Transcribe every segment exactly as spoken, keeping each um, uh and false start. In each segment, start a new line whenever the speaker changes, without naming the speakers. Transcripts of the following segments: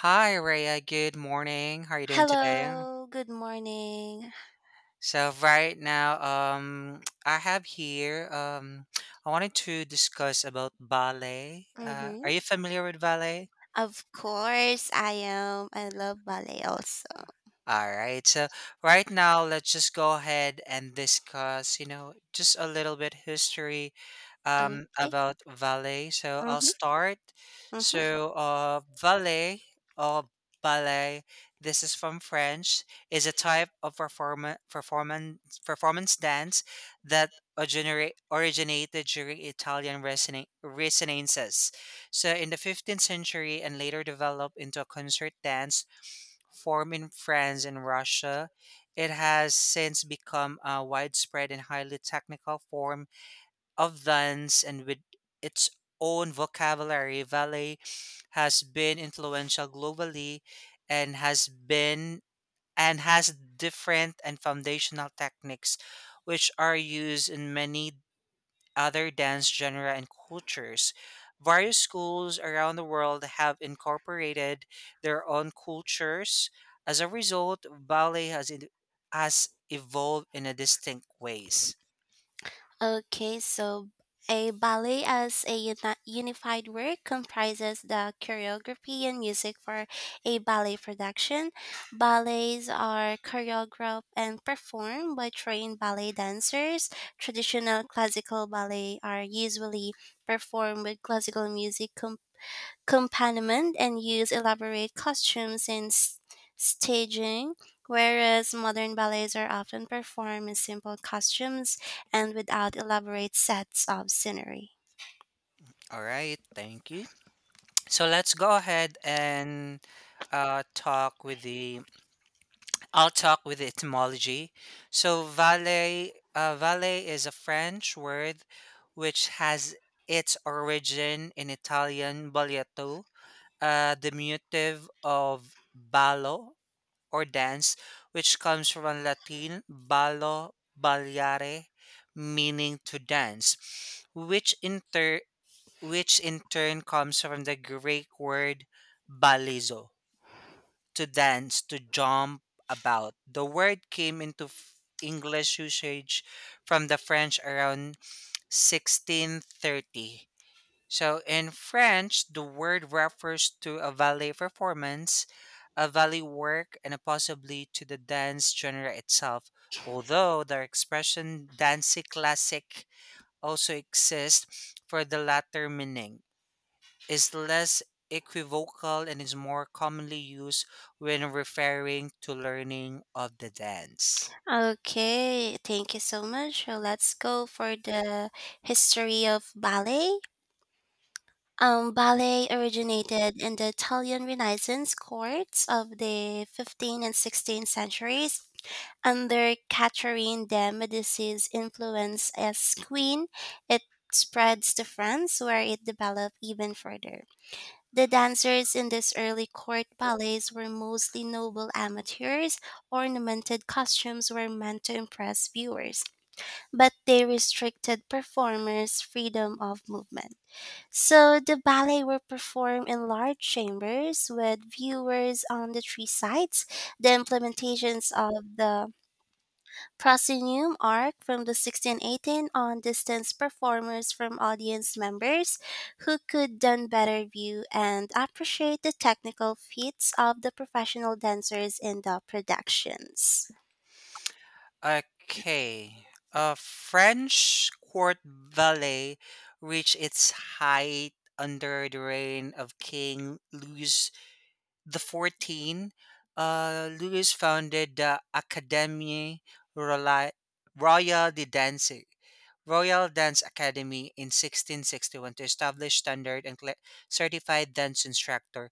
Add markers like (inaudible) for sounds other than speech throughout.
Hi, Raya, good morning. How are you doing today?
Hello, good morning.
So right now, um, (tsk) I have here. Um, I wanted to discuss about ballet. Uh, are
Mm-hmm.
you familiar with ballet?
Of course, I am. I love ballet also.
All right. So right now, let's just go ahead and discuss, you know, just a little bit history um,
Okay.
about ballet. So I'll
Mm-hmm.
start.
Mm-hmm.
So uh, ballet or ballet, this is from French, is a type of performa- performance performance dance that originate originated during Italian resona- Renaissance. So in the fifteenth century and later developed into a concert dance form in France and Russia, it has since become a widespread and highly technical form of dance and with its own vocabulary, ballet has been influential globally and has been and has different and foundational techniques which are used in many other dance genre and cultures. Various schools around the world have incorporated their own cultures. As a result, ballet has in- has evolved in a distinct ways.
Okay, so a ballet as a uni- unified work comprises the choreography and music for a ballet production. Ballets are choreographed and performed by trained ballet dancers. Traditional classical ballet are usually performed with classical music accompaniment and use elaborate costumes and s- staging, whereas modern ballets are often performed in simple costumes and without elaborate sets of scenery.
All right, thank you. So let's go ahead and uh, talk with the I'll talk with the etymology. So valet uh, valet is a French word which has its origin in Italian balletto uh, diminutive of ballo or dance, which comes from Latin ballo ballare, meaning to dance, which in tur- which in turn comes from the Greek word balizo, to dance, to jump about. The word came into f- English usage from the French around sixteen thirty. So in French, the word refers to a ballet performance, a ballet work, and possibly to the dance genre itself. Although the expression "danse classique" also exists for the latter meaning, is less equivocal and is more commonly used when referring to learning of the dance.
Okay, thank you so much. So let's go for the history of ballet. Um, ballet originated in the Italian Renaissance courts of the fifteenth and sixteenth centuries under Catherine de Médicis' influence as queen. It spreads to France, where it developed even further. The dancers in these early court ballets were mostly noble amateurs. Ornamented costumes were meant to impress viewers, but they restricted performers' freedom of movement. So the ballet were performed in large chambers with viewers on the three sides. The implementations of the proscenium arc from the sixteen eighteen on distanced performers from audience members who could then better view and appreciate the technical feats of the professional dancers in the productions.
Okay. A French court ballet reached its height under the reign of King Louis the fourteen, uh, Louis founded the Academie Royale Royale de Danse, Royal Dance Academy in sixteen sixty-one to establish standard and cle- certified dance instructor.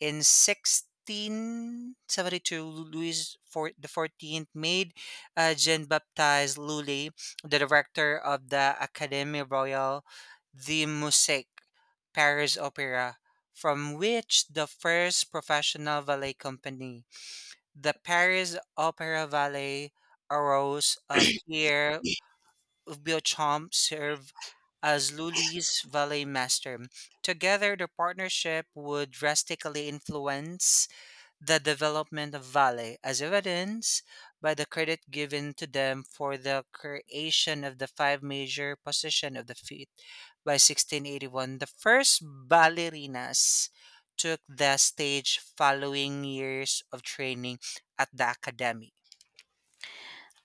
In sixteen seventy-two, Louis for- the fourteenth made uh, Jean-Baptiste Lully the director of the Académie Royale de Musique Paris Opera, from which the first professional ballet company, the Paris Opera Ballet, arose. Uh, Pierre Beauchamp served as Lully's ballet master. Together, their partnership would drastically influence the development of Vale, as evidenced by the credit given to them for the creation of the five major position of the feet by sixteen eighty-one. The first ballerinas took the stage following years of training at the academy.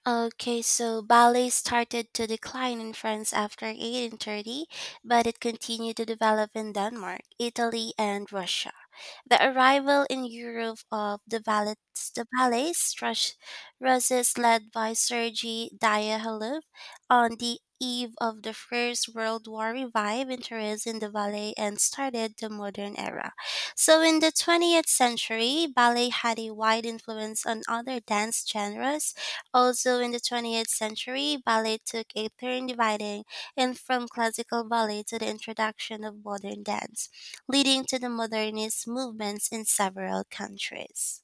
Okay, so ballet started to decline in France after eighteen thirty, but it continued to develop in Denmark, Italy, and Russia. The arrival in Europe of the ballet, the ballet strush- russes led by Sergei Diaghilev on the eve of the First World War revived interest in the ballet and started the modern era. So in the twentieth century, ballet had a wide influence on other dance genres. Also, in the twentieth century, ballet took a turn dividing and from classical ballet to the introduction of modern dance, leading to the modernist movements in several countries.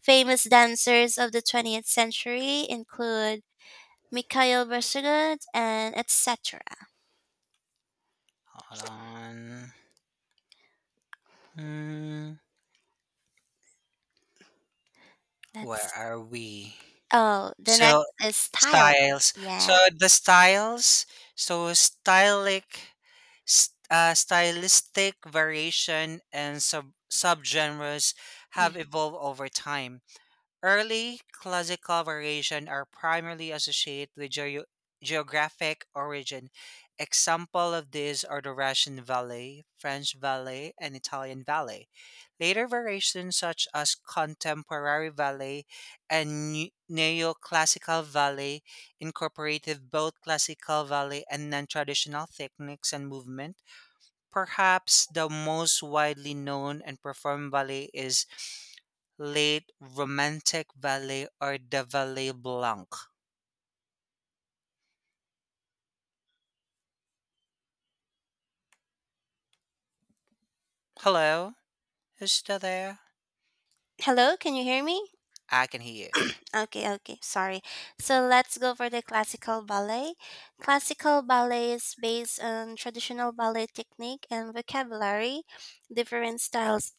Famous dancers of the twentieth century include Mikhail Bersugud and et cetera.
Hold on. Hmm, where
That's
are we?
oh, the
So
next is style.
styles. So
Yeah.
the styles. So stylic, s- uh, stylistic variation and sub subgenres have
Mm.
evolved over time. Early classical variation are primarily associated with geo- geographic origin. Example of these are the Russian Valley, French Valley, and Italian Valley. Later variations such as contemporary Valley and ne- neoclassical Valley incorporated both classical Valley and non-traditional techniques and movement. Perhaps the most widely known and performed ballet is late romantic ballet or the ballet blanc. Hello, who's still there?
Hello, can you hear me?
I can hear you.
Okay, okay, sorry. So let's go for the classical ballet. Classical ballet is based on traditional ballet technique and vocabulary. Different styles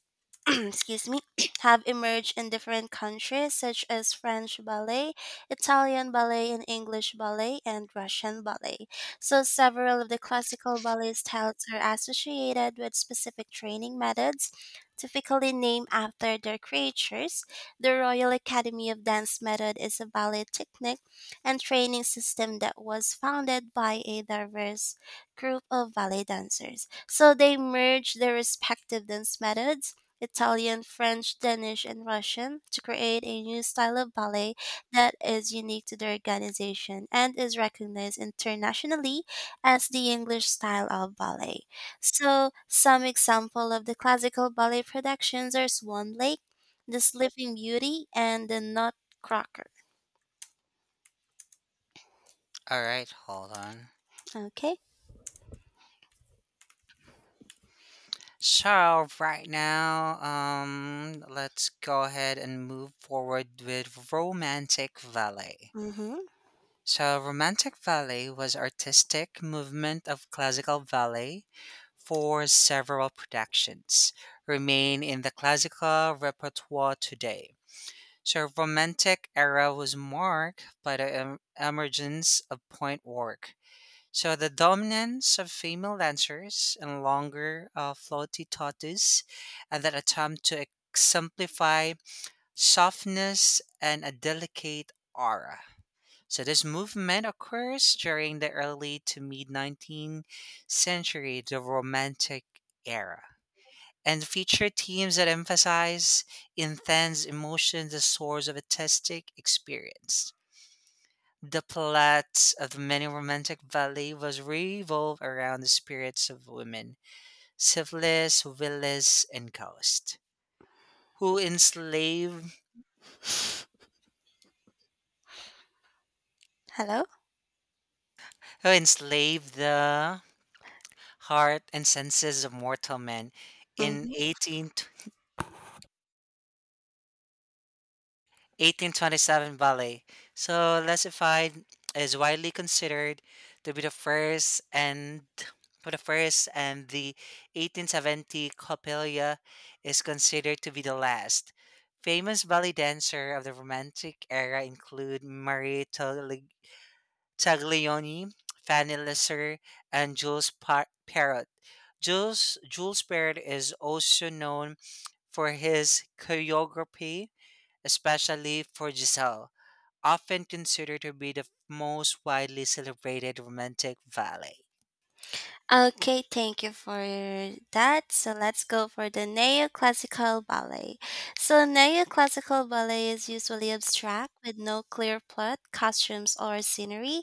(clears throat) excuse me, (clears throat) have emerged in different countries such as French ballet, Italian ballet and English ballet and Russian ballet. So several of the classical ballet styles are associated with specific training methods typically named after their creators. The Royal Academy of Dance method is a ballet technique and training system that was founded by a diverse group of ballet dancers. So they merge their respective dance methods Italian, French, Danish, and Russian to create a new style of ballet that is unique to their organization and is recognized internationally as the English style of ballet. So, some example of the classical ballet productions are Swan Lake, The Sleeping Beauty, and The Nutcracker.
All right, hold on.
Okay.
So right now, um, let's go ahead and move forward with romantic ballet.
Mm-hmm.
So romantic ballet was artistic movement of classical ballet for several productions, remain in the classical repertoire today. So romantic era was marked by the em- emergence of point work. So the dominance of female dancers and longer uh, floaty tatus, and that attempt to exemplify softness and a delicate aura. So this movement occurs during the early to mid nineteenth century, the Romantic era, and featured themes that emphasize intense emotions, the source of artistic experience. The plots of the many romantic ballet was revolved around the spirits of women, syphilis, villas, and ghost, who enslave
Hello.
who enslave the heart and senses of mortal men in
Mm-hmm.
eighteen eighteen twenty-seven ballet. So Lesified is widely considered to be the first and for the first and the eighteen seventy Coppelia is considered to be the last. Famous ballet dancer of the Romantic era include Marie Tagli- Taglioni, Fanny Lesser, and Jules pa- Perrot. Jules Jules Perrot is also known for his choreography, especially for Giselle, often considered to be the most widely celebrated romantic ballet.
Okay, thank you for that. So let's go for the neoclassical ballet. So neoclassical ballet is usually abstract with no clear plot, costumes, or scenery.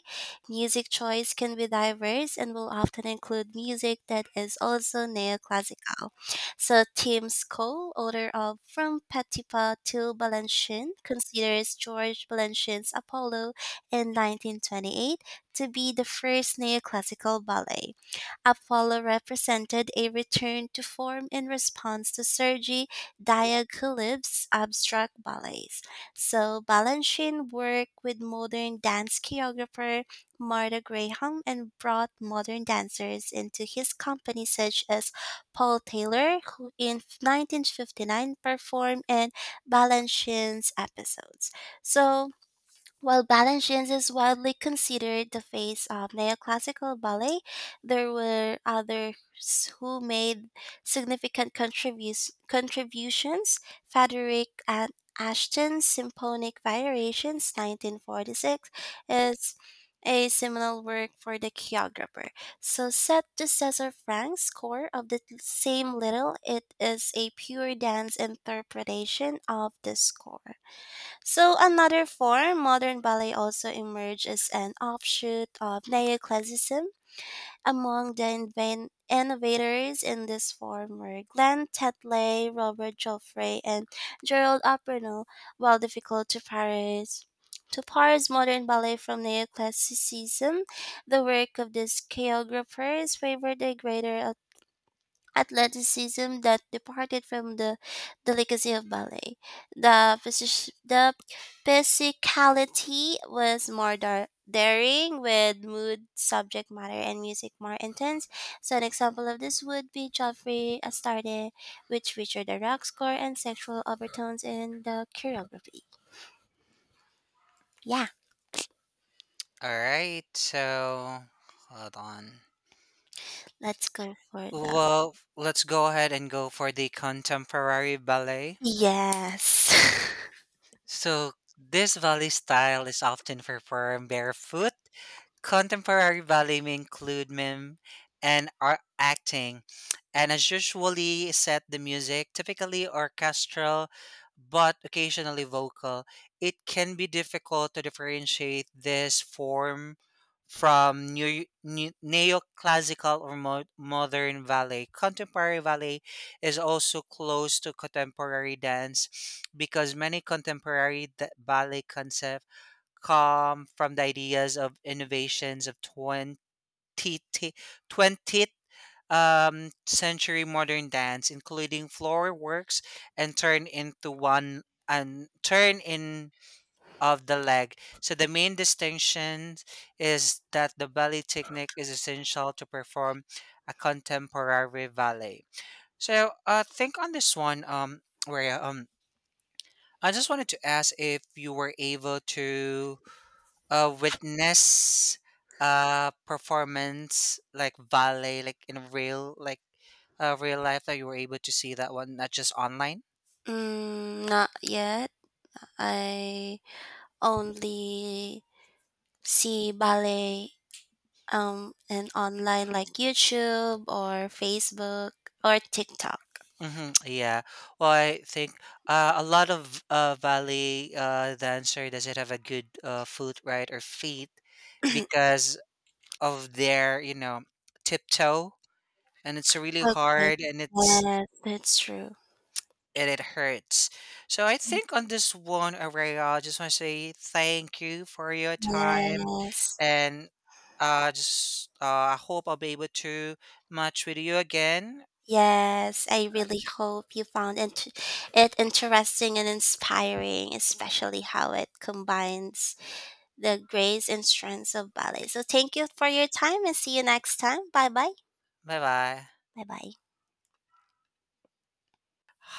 Music choice can be diverse and will often include music that is also neoclassical. So Tim Cole, author of From Petipa to Balanchine, considers George Balanchine's Apollo in nineteen twenty-eight to be the first neoclassical ballet. Apollo represented a return to form in response to Sergei Diaghilev's abstract ballets. So Balanchine worked with modern dance choreographer Marta Graham and brought modern dancers into his company such as Paul Taylor, who in nineteen fifty-nine performed in Balanchine's episodes. So while Balanchines is widely considered the face of neoclassical ballet, there were others who made significant contribus- contributions. Frederick and Ashton's Symphonic Variations, nineteen forty-six, is a seminal work for the choreographer. So, set to Cesar Frank's score of the same little, it is a pure dance interpretation of the score. So another form, modern ballet also emerged as an offshoot of neoclassicism. Among the inven- innovators in this form were Glenn Tetley, Robert Joffrey, and Gerald Aperno. While difficult to parse, to parse modern ballet from neoclassicism, the work of these choreographers favored a greater athleticism that departed from the delicacy of ballet. The, physis- the physicality was more dar- daring, with mood, subject matter, and music more intense. So, an example of this would be Joffrey Astarte, which featured a rock score and sexual overtones in the choreography. Yeah,
All right, so hold on.
let's go for the.
Well, let's go ahead and go for the contemporary ballet.
Yes.
So this ballet style is often performed barefoot. Contemporary ballet may include mime and art acting, and as usually set the music, typically orchestral but occasionally vocal. It can be difficult to differentiate this form from new, new, neoclassical or mo- modern ballet. Contemporary ballet is also close to contemporary dance because many contemporary d- ballet concepts come from the ideas of innovations of twenty twentieth um, century modern dance, including floor works, and turn into one and turn in of the leg. So the main distinction is that the ballet technique is essential to perform a contemporary ballet. So uh, think on this one, um, where um, I just wanted to ask if you were able to uh witness uh performance like ballet, like in real, like uh real life, that you were able to see that one, not just online.
(laughs) Mm, not yet. I only see ballet um, and online like YouTube or Facebook or TikTok.
Hmm, yeah, well, I think uh, a lot of uh ballet uh dancer doesn't have a good uh foot, right, or feet, because of their, you know, tiptoe, and it's really
Okay.
hard, and it's
Yes, that's true.
and it hurts. So I think on this one, Aurelia, I just want to say thank you for your time,
Yes.
and uh, just uh, I hope I'll be able to match with you again.
Yes, I really hope you found int- it interesting and inspiring, especially how it combines the grace and strengths of ballet. So, thank you for your time and see you next time. Bye bye.
Bye bye.
Bye bye.